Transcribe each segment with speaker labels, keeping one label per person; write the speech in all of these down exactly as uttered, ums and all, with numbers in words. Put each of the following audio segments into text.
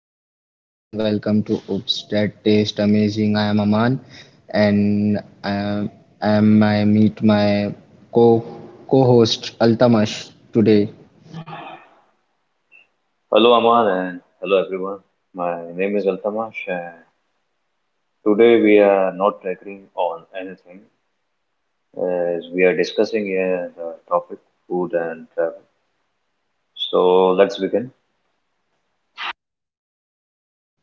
Speaker 1: what's up everyone? Welcome to Oops That Taste Amazing. I am Aman and I am, I am I meet my co co-host Altamash today.
Speaker 2: Hello, Aman, and hello, everyone. My name is Altamash, and today we are not agreeing on anything as we are discussing here the topic food and travel. So, let's begin.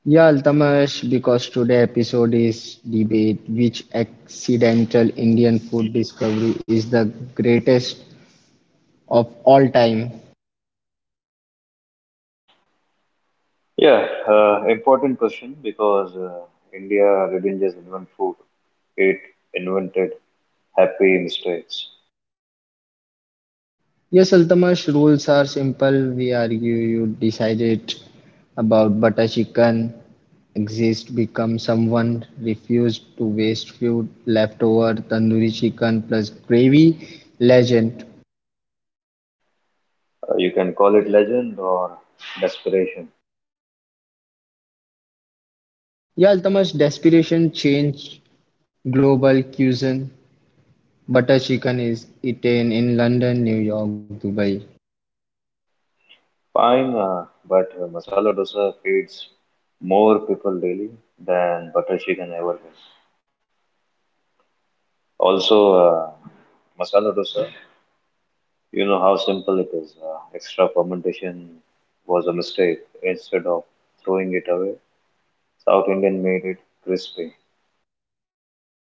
Speaker 1: Yeah, Altamash, because today episode is debate which accidental Indian food discovery is the greatest of all time.
Speaker 2: Yeah, uh, important question because uh, India didn't just invent food, it invented happy mistakes.
Speaker 1: Yes, Altamash, rules are simple. We argue you decide it about butter chicken exist become someone refused to waste food leftover tandoori chicken plus gravy legend.
Speaker 2: Uh, you can call it legend or desperation.
Speaker 1: Yeah, Altamash, desperation change global cuisine. Butter chicken is eaten in London, New York, Dubai.
Speaker 2: Fine, uh, but uh, masala dosa feeds more people daily than butter chicken ever did. Also, uh, masala dosa, you know how simple it is. Uh, extra fermentation was a mistake. Instead of throwing it away, South Indian made it crispy.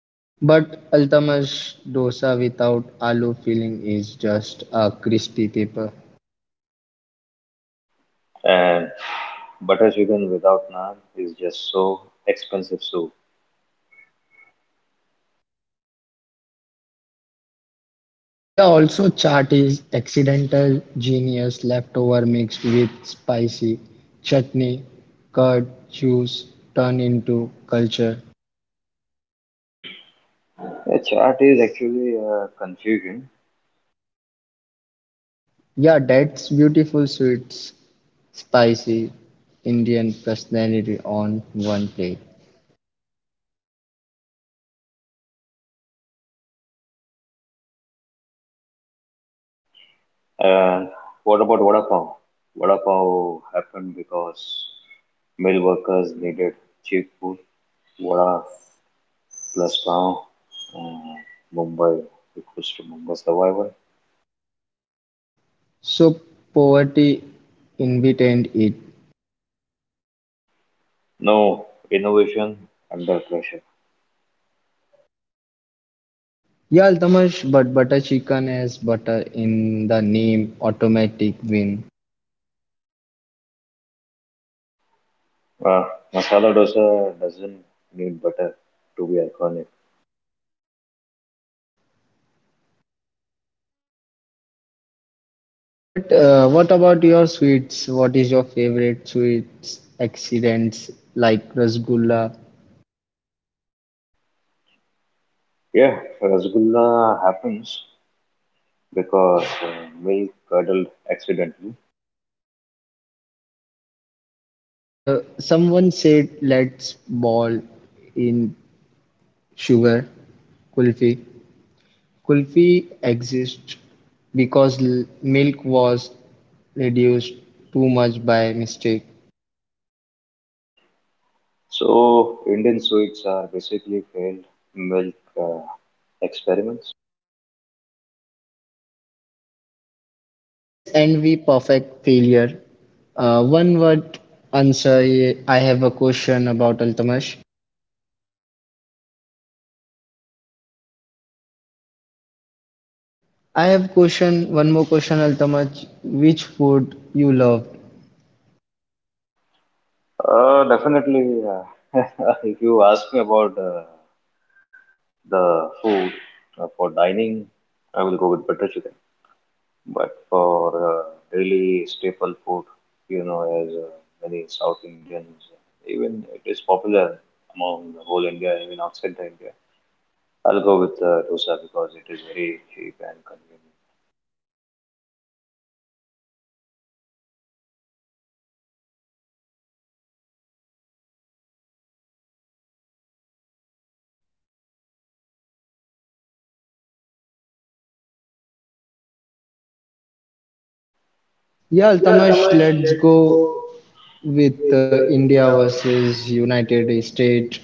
Speaker 1: But Altamash dosa without aloo filling is just a crispy paper.
Speaker 2: And butter chicken without naan is just so expensive soup.
Speaker 1: Yeah, also chaat is accidental genius leftover mixed with spicy chutney, curd, juice turned into culture.
Speaker 2: Yeah, chaat is actually uh, confusing.
Speaker 1: Yeah, that's beautiful sweets, spicy Indian personality on one plate.
Speaker 2: And what about vada pav? Vada pav happened because mill workers needed cheap food. Vada Glasgow, uh, Mumbai, request to Mumbai survival.
Speaker 1: So poverty invited it.
Speaker 2: No innovation under pressure.
Speaker 1: Yeah, Altamash, but butter chicken has butter in the name automatic win.
Speaker 2: Uh, Masala dosa doesn't need butter to be iconic.
Speaker 1: But uh, what about your sweets? What is your favorite sweets? Accidents like rasgulla.
Speaker 2: Yeah, rasgulla happens because uh, milk curdled accidentally.
Speaker 1: And uh, someone said let's ball in sugar. Kulfi. Kulfi exists because l- milk was reduced too much by mistake.
Speaker 2: So Indian sweets are basically failed milk uh, experiments.
Speaker 1: Yes, and we perfect failure. Uh, one word answer. I have a question about Altamash. I have question, one more question, Altamaj. Which food you loved?
Speaker 2: Uh, definitely. Uh, if you ask me about uh, the food uh, for dining, I will go with butter chicken. But for uh, daily staple food, you know, as uh, many South Indians, even it is popular among the whole India, even outside the India. I'll go with uh, dosa because it is very cheap and convenient.
Speaker 1: Yeah,
Speaker 2: Yeah,
Speaker 1: Altamaj,
Speaker 2: Tamash,
Speaker 1: let's
Speaker 2: let's
Speaker 1: go
Speaker 2: go
Speaker 1: with uh,
Speaker 2: with uh,
Speaker 1: India
Speaker 2: India
Speaker 1: versus
Speaker 2: versus
Speaker 1: United
Speaker 2: United
Speaker 1: States.
Speaker 2: States.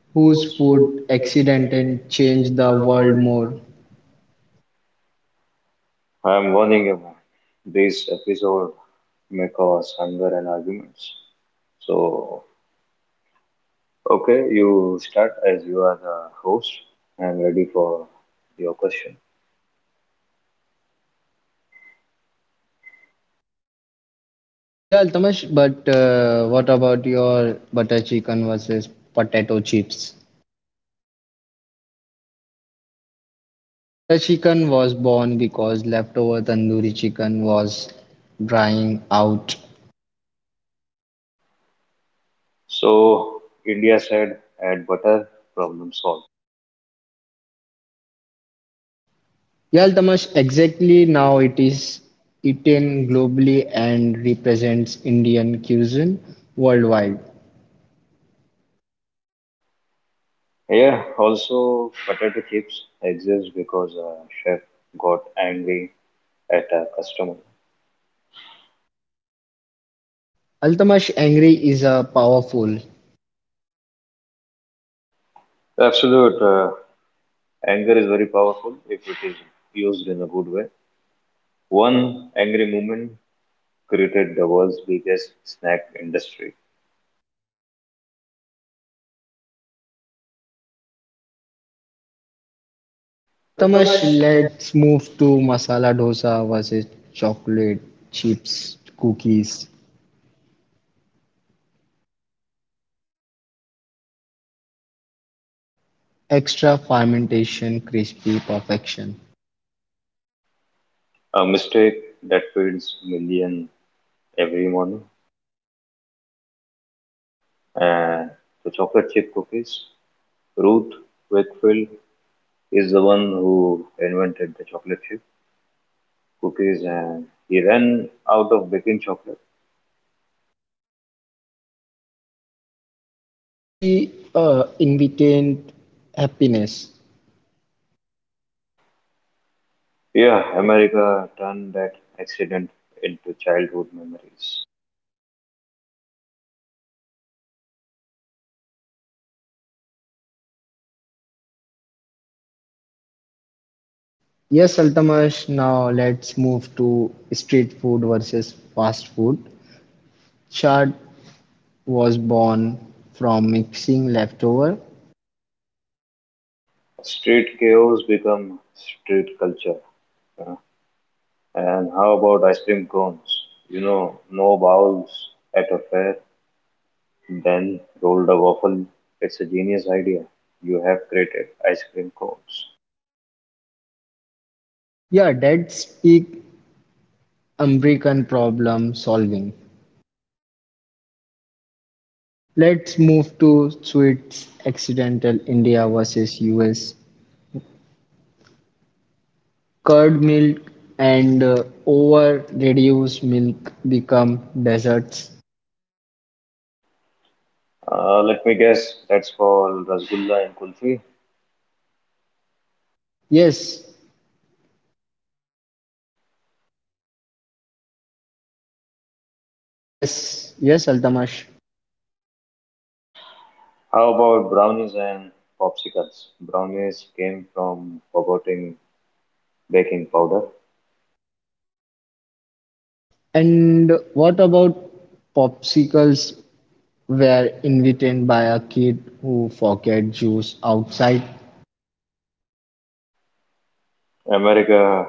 Speaker 1: Whose
Speaker 2: Whose
Speaker 1: food
Speaker 2: food
Speaker 1: accident and
Speaker 2: accidentally
Speaker 1: changed the
Speaker 2: changed the
Speaker 1: world
Speaker 2: world
Speaker 1: more?
Speaker 2: more? I'm warning you, man. This episode may cause anger and arguments. So, okay, you start as you are the host. I'm ready for your question.
Speaker 1: Yeah, Altamaj, but uh, what about your butter chicken versus potato chips? Butter chicken was born because leftover tandoori chicken was drying out.
Speaker 2: So, India said add butter, problem solved.
Speaker 1: Yeah, Altamash, exactly now it is eaten globally and represents Indian cuisine worldwide.
Speaker 2: Yeah, also potato chips exist because a chef got angry at a customer.
Speaker 1: Altamash Angry is a powerful.
Speaker 2: Absolute uh, anger is very powerful if it is used in a good way. One angry moment created the world's biggest snack industry,
Speaker 1: Altamash, let's move to masala dosa versus chocolate chips, cookies, extra fermentation, crispy perfection.
Speaker 2: a mistake that feeds millions every morning. And the chocolate chip cookies, Ruth Wakefield is the one who invented the chocolate chip cookies and he ran out of baking chocolate.
Speaker 1: So she uh, invitant happiness.
Speaker 2: Yeah, America turned that accident into childhood memories.
Speaker 1: Yes, Altamash, now let's move to street food versus fast food. Chard was born from mixing leftover.
Speaker 2: Street chaos become street culture. Uh, And how about ice cream cones? You know, no bowls at a fair, then rolled a waffle. It's a genius idea. You have created ice cream cones.
Speaker 1: Yeah, that's peak American problem solving. Let's move to sweets accidental India versus U S. Curd milk and uh, over reduced milk become desserts.
Speaker 2: Uh, let me guess, that's called rasgulla and kulfi.
Speaker 1: Yes, yes, yes, Altamash.
Speaker 2: How about brownies and popsicles? Brownies came from forgetting baking powder.
Speaker 1: And what about popsicles were invented by a kid who forget juice outside?
Speaker 2: America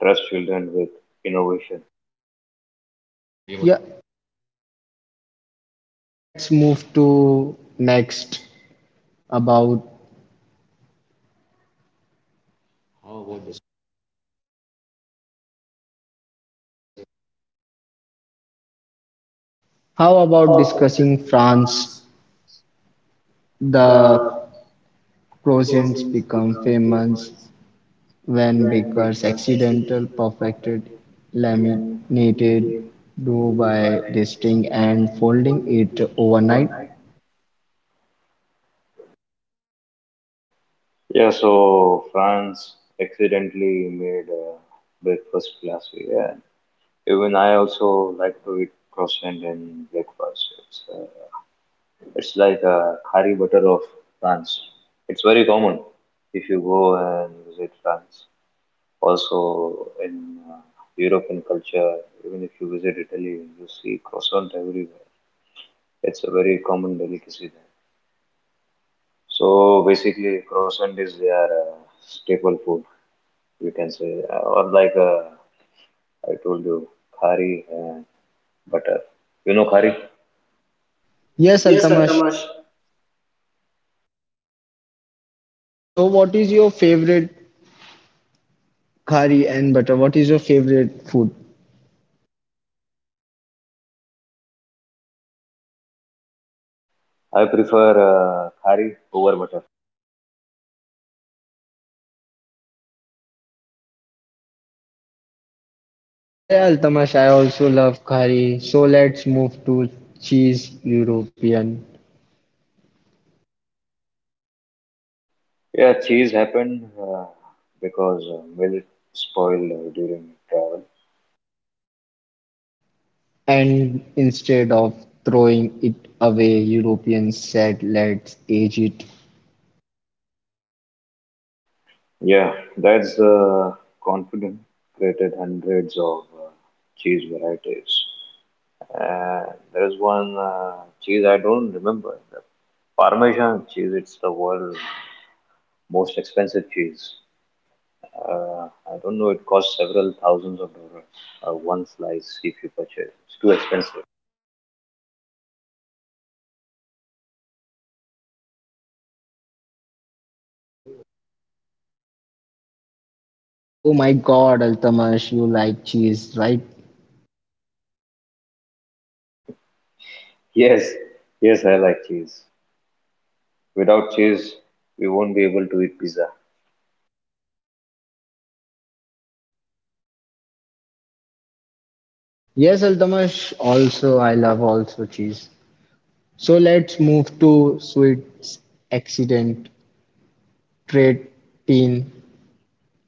Speaker 2: trusts children with innovation.
Speaker 1: Yeah, Yeah, let's move to next about. Oh, how
Speaker 2: How
Speaker 1: about
Speaker 2: about
Speaker 1: discussing
Speaker 2: discussing
Speaker 1: France?
Speaker 2: France?
Speaker 1: The
Speaker 2: The
Speaker 1: croissants
Speaker 2: croissants
Speaker 1: become
Speaker 2: become
Speaker 1: famous
Speaker 2: famous
Speaker 1: when
Speaker 2: when it
Speaker 1: baker's
Speaker 2: was
Speaker 1: accidental
Speaker 2: accidental
Speaker 1: perfected
Speaker 2: perfected
Speaker 1: laminated
Speaker 2: laminated
Speaker 1: dough
Speaker 2: two
Speaker 1: by
Speaker 2: by
Speaker 1: resting
Speaker 2: twisting
Speaker 1: and
Speaker 2: and
Speaker 1: folding
Speaker 2: folding
Speaker 1: it
Speaker 2: it
Speaker 1: overnight.
Speaker 2: overnight. Yeah, so France accidentally made uh, breakfast last week. Yeah. Even I also like to eat croissant in breakfast. It's, uh, it's like a curry butter of France. It's very common if you go and visit France. Also, in uh, European culture, even if you visit Italy, you see croissant everywhere. It's a very common delicacy there. So basically, croissant is their uh, staple food, you can say, uh, or like uh, I told you, khari and butter. You know khari?
Speaker 1: Yes,
Speaker 2: Yes,
Speaker 1: Altamash.
Speaker 2: Altamash.
Speaker 1: So, what is your favorite curry and butter? What is your favorite food?
Speaker 2: I prefer uh, khari over butter.
Speaker 1: Yeah, yeah, Altamash. I also love curry. So, let's move to cheese European.
Speaker 2: Yeah, cheese happened uh, because uh, milk spoiled uh, during travel.
Speaker 1: And instead of throwing it away, Europeans said, let's age it.
Speaker 2: Yeah, that's the confident created hundreds of uh, cheese varieties. And there is one uh, cheese I don't remember, the Parmesan cheese. It's the world's most expensive cheese. Uh, I don't know. It costs several thousands of dollars uh, one slice if you purchase. It's too expensive.
Speaker 1: Oh my god, Altamash, you like cheese, right?
Speaker 2: Yes, yes, I like cheese. Without cheese, we won't be able to eat pizza.
Speaker 1: Yes, Altamash, also, I love also cheese. So let's move to sweets accident, trade teen,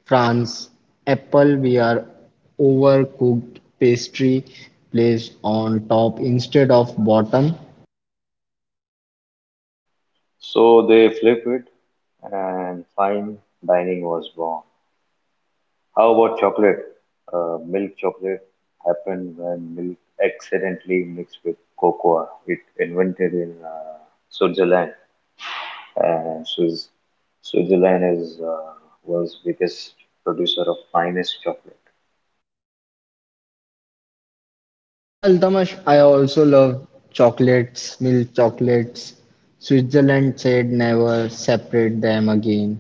Speaker 1: France. Apple, we are overcooked pastry placed on top instead of bottom.
Speaker 2: So they flip it, and fine dining was born. How about chocolate? Uh, milk chocolate happened when milk accidentally mixed with cocoa. It invented in uh, Switzerland, and Swiss, Switzerland is uh, world's biggest producer of finest chocolate.
Speaker 1: Yeah, Altamash, I also love chocolates, milk chocolates. Switzerland said never separate them again.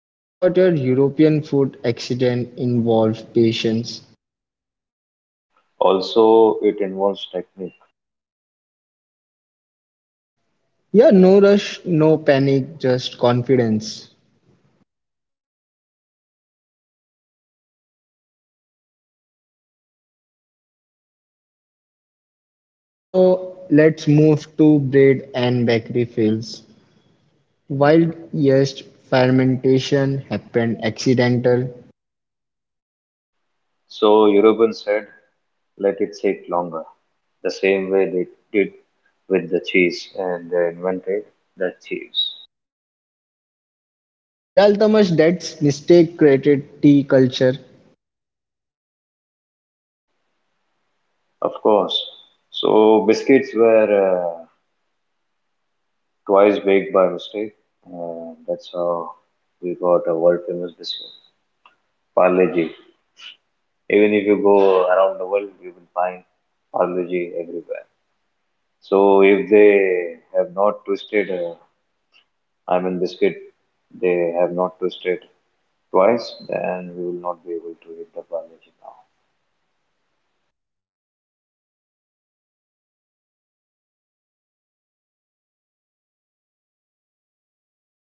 Speaker 1: What about your European food accident involved patience?
Speaker 2: Also, it involves technique.
Speaker 1: Yeah, no rush, no panic, just confidence. Now let's move to bread and bakery fails. Wild yeast fermentation happened accidental.
Speaker 2: So Europeans said, let it sit longer, the same way they did with the cheese and they invented the cheese.
Speaker 1: Yeah, Altamash, that's mistake created tea culture.
Speaker 2: Of course. So biscuits were uh, twice baked by mistake, and that's how we got a world famous biscuit, Parle-G. Even if you go around the world, you will find Parle-G everywhere. So if they have not twisted uh, I'm in biscuit. They have not twisted twice, then we will not be able to hit the Bangladesh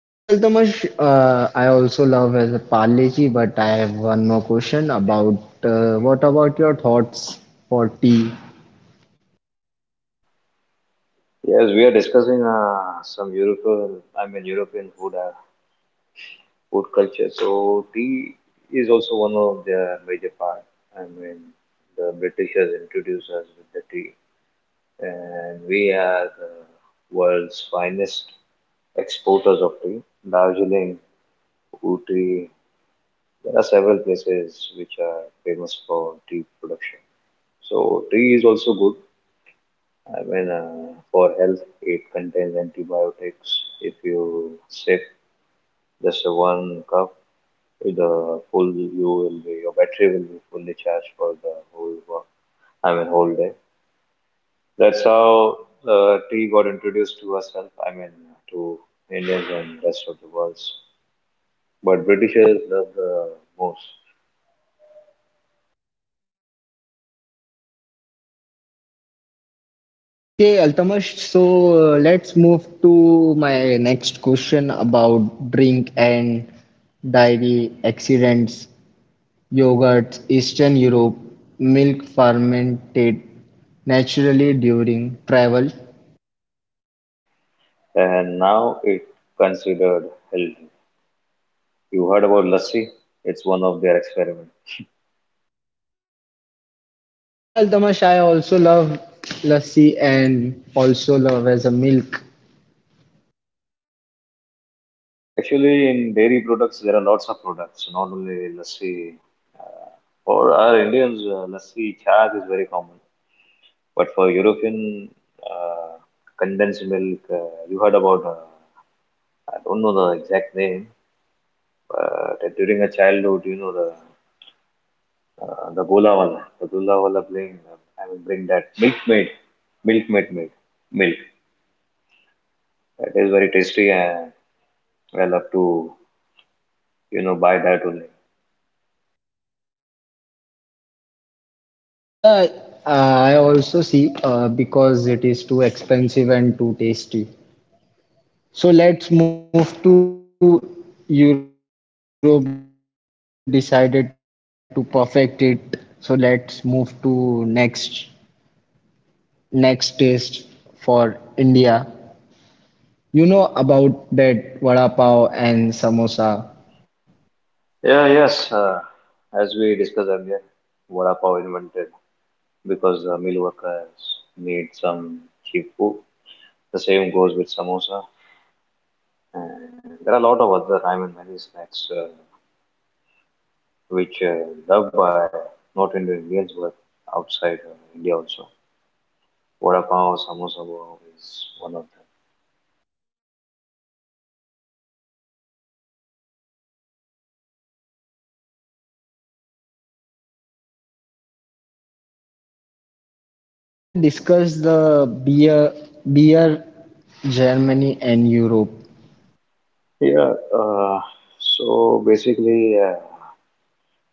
Speaker 1: Yes, Altamash, uh, I also love as a Parleji, but I have one more question about uh, what about your thoughts for tea?
Speaker 2: now. Yes, we are discussing uh, some European, I mean European food, uh, food culture. So tea is also one of their major part. I mean, the Britishers introduced us with the tea, and we are the world's finest exporters of tea. Darjeeling, Ooty, there are several places which are famous for tea production. So tea is also good. I mean, uh, for health, it contains antibiotics. If you sip just a one cup, with the full you will be your battery will be fully charged for the whole work. I mean, whole day. That's how uh, tea got introduced to herself. I mean, to Indians and rest of the world. But Britishers love the most.
Speaker 1: Okay, Altamash, so uh, let's move to my next question about drink and dairy accidents, yogurt, Eastern Europe, milk fermented naturally during travel.
Speaker 2: And now it considered healthy. You heard about lassi? It's one of their experiments.
Speaker 1: Yeah, Altamash, I also love lassi and also love as a milk.
Speaker 2: Actually, in dairy products, there are lots of products, not only lassi. Uh, for our Indians, uh, lassi chaat is very common, but for European, uh, condensed milk. Uh, you heard about? Uh, I don't know the exact name, but during a childhood, you know the uh, the golavala, the golavala playing. I will bring that milkmaid, milkmaid made milk. That is very tasty, and I love to, you know, buy that only.
Speaker 1: Yeah, uh, I also see uh, because it is too expensive and too tasty. So let's move to Europe decided to perfect it. So let's move to next next taste for India. You know about that vada pav and samosa.
Speaker 2: Yeah, yes. Uh, as we discussed earlier, vada pav invented because uh, mill workers need some cheap food. The same goes with samosa. And there are a lot of other, I mean, many snacks uh, which uh, loved by not only Indians but outside uh, India also. Vada pav, samosa pav is one of
Speaker 1: Now we'll discuss the beer beer Germany and Europe.
Speaker 2: them. Yeah. Uh, so basically. Uh,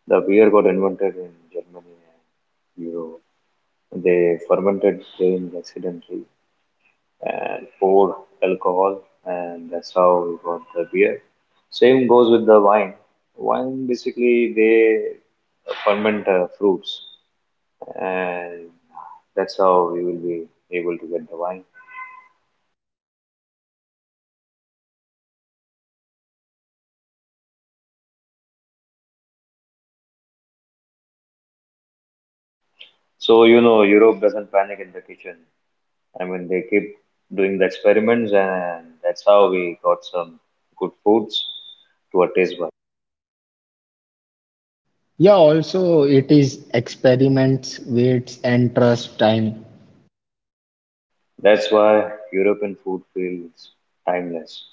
Speaker 2: The beer got invented in Germany and Europe. They fermented grain accidentally and poured alcohol, and that's how we got the beer. Same goes with the wine. Wine basically they ferment uh, fruits, and that's how we will be able to get the wine. So you know, Europe doesn't panic in the kitchen. I mean, they keep doing the experiments, and that's how we got some good foods to our taste buds.
Speaker 1: Yeah, also it is experiments, waits and trust time.
Speaker 2: That's why European food feels timeless.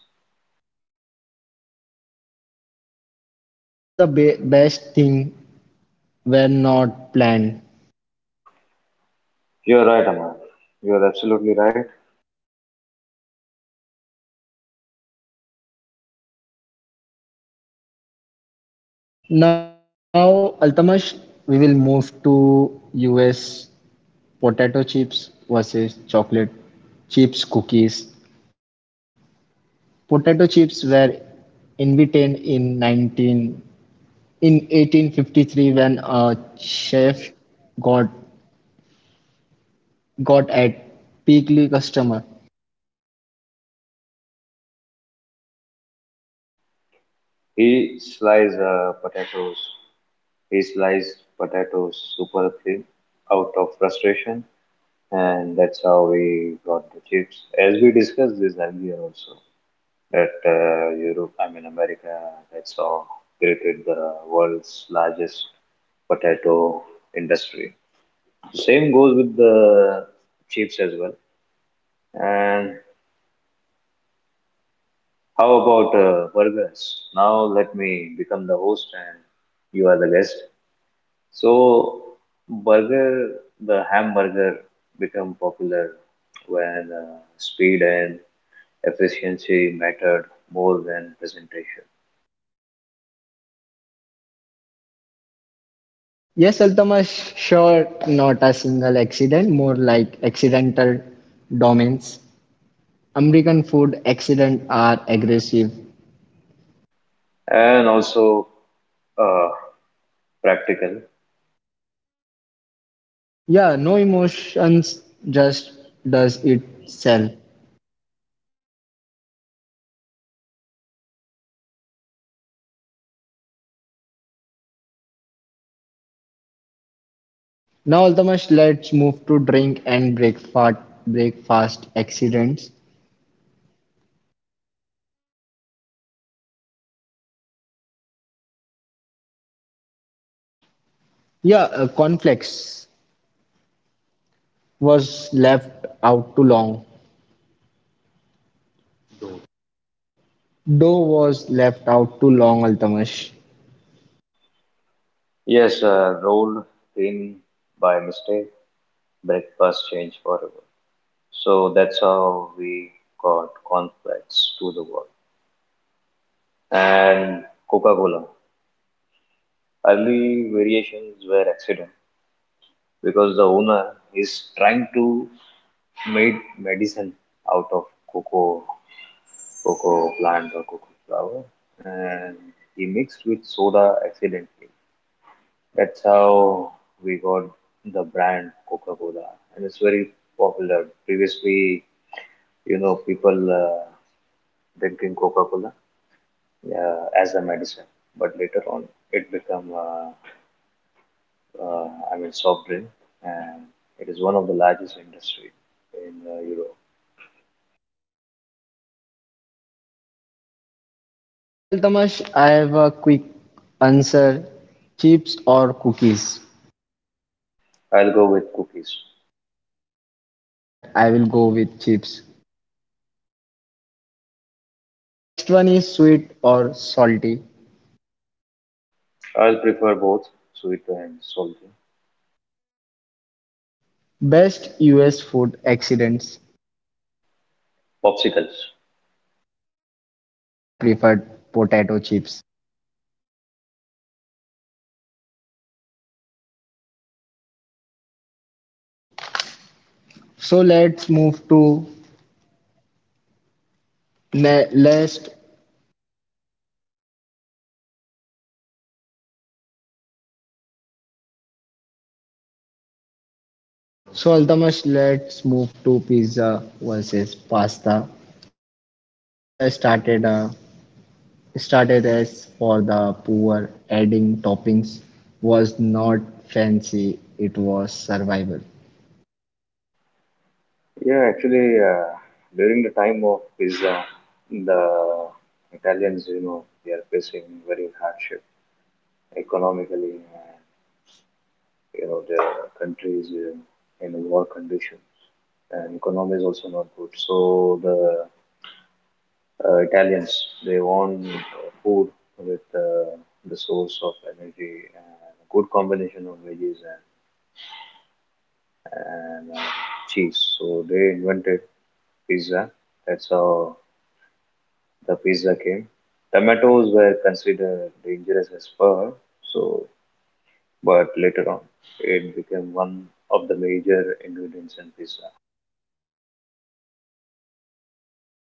Speaker 1: Because the be- best thing were not planned.
Speaker 2: You're right, Amar. You're absolutely right.
Speaker 1: Now, Altamash, we will move to U S potato chips versus chocolate chips cookies. Potato chips were invented in 19 in eighteen fifty-three when a chef got got at Piggly customer.
Speaker 2: He slices uh, potatoes. He sliced potatoes super thin out of frustration, and that's how we got the chips. As we discussed this earlier, also that uh, Europe, I mean America, that's how created the world's largest potato industry. Same goes with the chips as well. And how about uh, burgers? Now let me become the host and you are the guest. So, burger, the hamburger become popular when uh, speed and efficiency mattered more than presentation.
Speaker 1: Yes, Altamash, sure, not a single accident, more like accidental domains. American food accidents are aggressive.
Speaker 2: And also uh, practical.
Speaker 1: Yeah, no emotions, just does it sell. Now, Altamash, let's move to drink and breakfast breakfast accidents. Yeah, uh, cornflakes was left out too long. Dough was left out too long, Altamash.
Speaker 2: Yes, uh, rolled thin by mistake, breakfast changed forever. So that's how we got cornflakes to the world. And Coca-Cola. Early variations were accident because the owner is trying to make medicine out of cocoa, cocoa plant or cocoa flower, and he mixed with soda accidentally. That's how we got the brand Coca-Cola, and it's very popular. Previously, you know, people uh, drinking Coca-Cola uh, as a medicine, but later on, it become uh, Uh, I mean, soft drink, and it is one of the largest industry in uh, Europe.
Speaker 1: Okay, Altamash, I have a quick answer: chips or cookies.
Speaker 2: I'll go with cookies.
Speaker 1: But I will go with chips. So next one is sweet or salty.
Speaker 2: I'll prefer both sweet and salty.
Speaker 1: Best U S food accidents,
Speaker 2: Popsicles.
Speaker 1: but I preferred potato chips. So let's move to le- last. So Altamash, let's move to pizza versus pasta. Pizza started uh, started as for the poor, adding toppings was not fancy. It was survival.
Speaker 2: Yeah, actually, uh, during the time of pizza, the Italians, you know, they are facing very hardship economically, and you know, their country is uh, in war conditions, and economy is also not good. So the uh, Italians. They want uh, food with uh, the source of energy and a good combination of veggies and, and uh, cheese. So they invented pizza. That's how the pizza came. Tomatoes were considered dangerous as per, so but later on it became one of the major ingredients in pizza.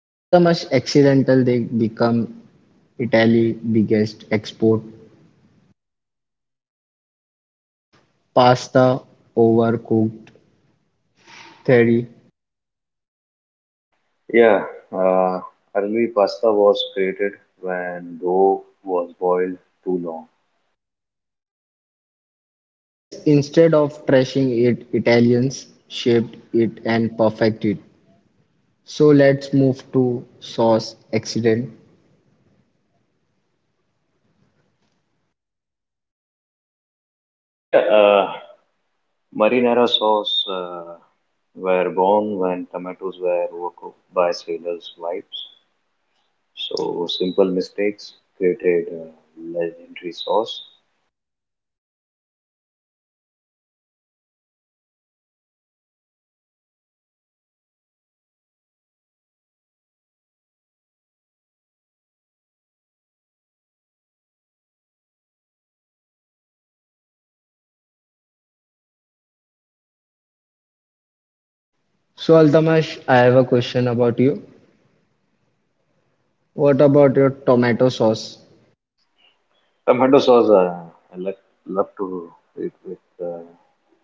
Speaker 1: Yeah, Altamash, accidental they become Italy biggest export. Pasta overcooked theory.
Speaker 2: Yeah, uh, early pasta was created when dough was boiled too long.
Speaker 1: Yes, instead of trashing it, Italians shaped it and perfected it. So let's move to sauce accident.
Speaker 2: Yeah, uh, marinara sauce uh, were born when tomatoes were overcooked by sailors' wives. So simple mistakes created uh, legendary sauce.
Speaker 1: So Altamash, I have a question about you. What about your tomato sauce?
Speaker 2: Tomato sauce, uh, I like, love to eat with uh,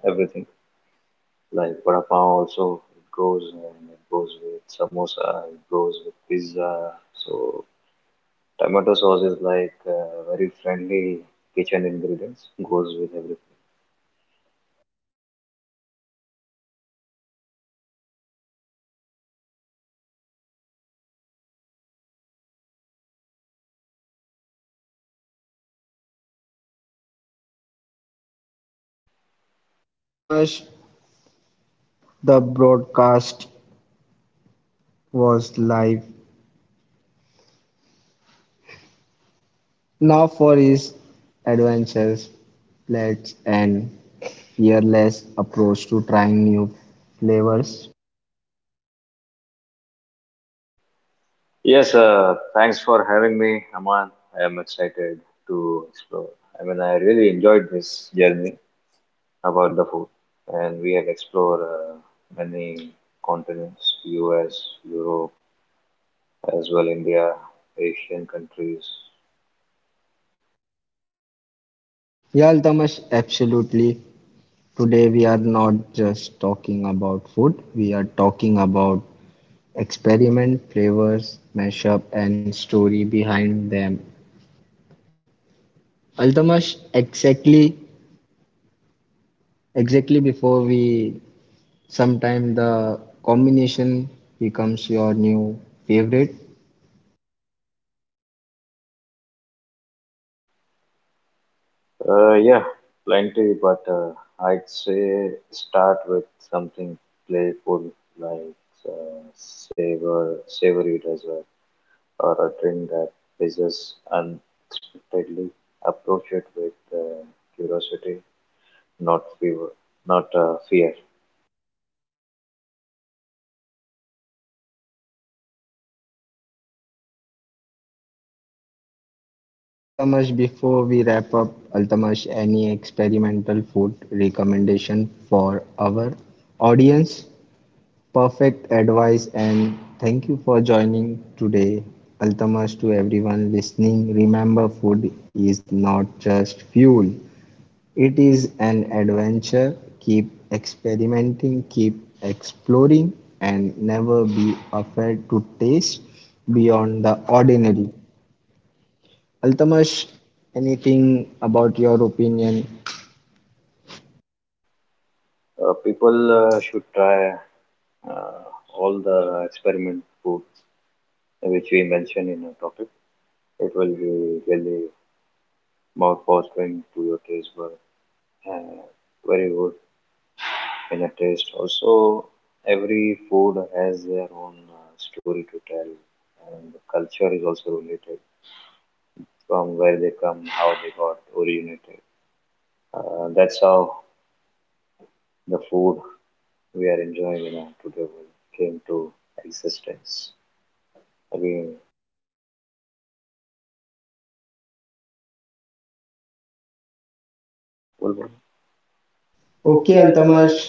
Speaker 2: everything. Like vada pav also, it goes and it goes with samosa, it goes with pizza. So tomato sauce is like uh, very friendly kitchen ingredients, goes with everything.
Speaker 1: So Altamash, the broadcast was live. Now for his adventures, pledge and fearless approach to trying new flavors.
Speaker 2: Yes, uh, thanks for having me, Aman. I am excited to explore. I mean, I really enjoyed this journey about the food, and we have explored uh, many continents: U S, Europe, as well India, Asian countries.
Speaker 1: Yeah, Altamash, absolutely. Today we are not just talking about food, we are talking about experiment, flavors, mashup and story behind them. Altamash, exactly exactly before we sometime the combination becomes your new favorite.
Speaker 2: Uh, yeah, plenty. But uh, I'd say start with something playful, like uh, savor, savory desserts or a trend that is unexpectedly approach it with uh, curiosity, not fear. Not uh, fear.
Speaker 1: Yeah, Altamash, before we wrap up, Altamash, any experimental food recommendation for our audience? Perfect advice, and thank you for joining today. Altamash to everyone listening, remember food is not just fuel, it is an adventure. Keep experimenting, keep exploring, and never be afraid to taste beyond the ordinary. Altamash, anything about your opinion?
Speaker 2: Uh, people uh, should try uh, all the experiment foods which we mentioned in our topic. It will be really mouth watering to your taste bud. Uh, Very good in a taste. Also, every food has their own uh, story to tell, and the culture is also related from where they come, how they got originated. Uh, that's how the food we are enjoying in our today world came to existence. Again, Bulbul.
Speaker 1: Okay,
Speaker 2: Okay, Altamash.
Speaker 1: Altamash.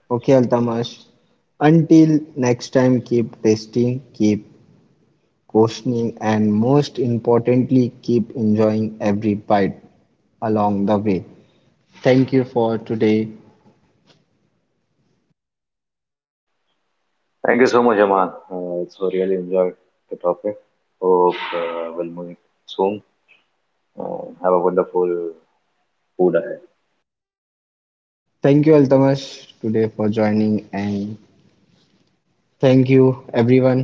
Speaker 1: Okay, Altamash. Until next time, keep tasting, keep questioning and most importantly keep enjoying every bite along the way. Thank you for today.
Speaker 2: Thank you so much, Aman. Uh, it's so really enjoyed the topic. Hope uh, we'll meet soon. Uh, have a wonderful food ahead.
Speaker 1: Thank you Altamash today for joining and thank you everyone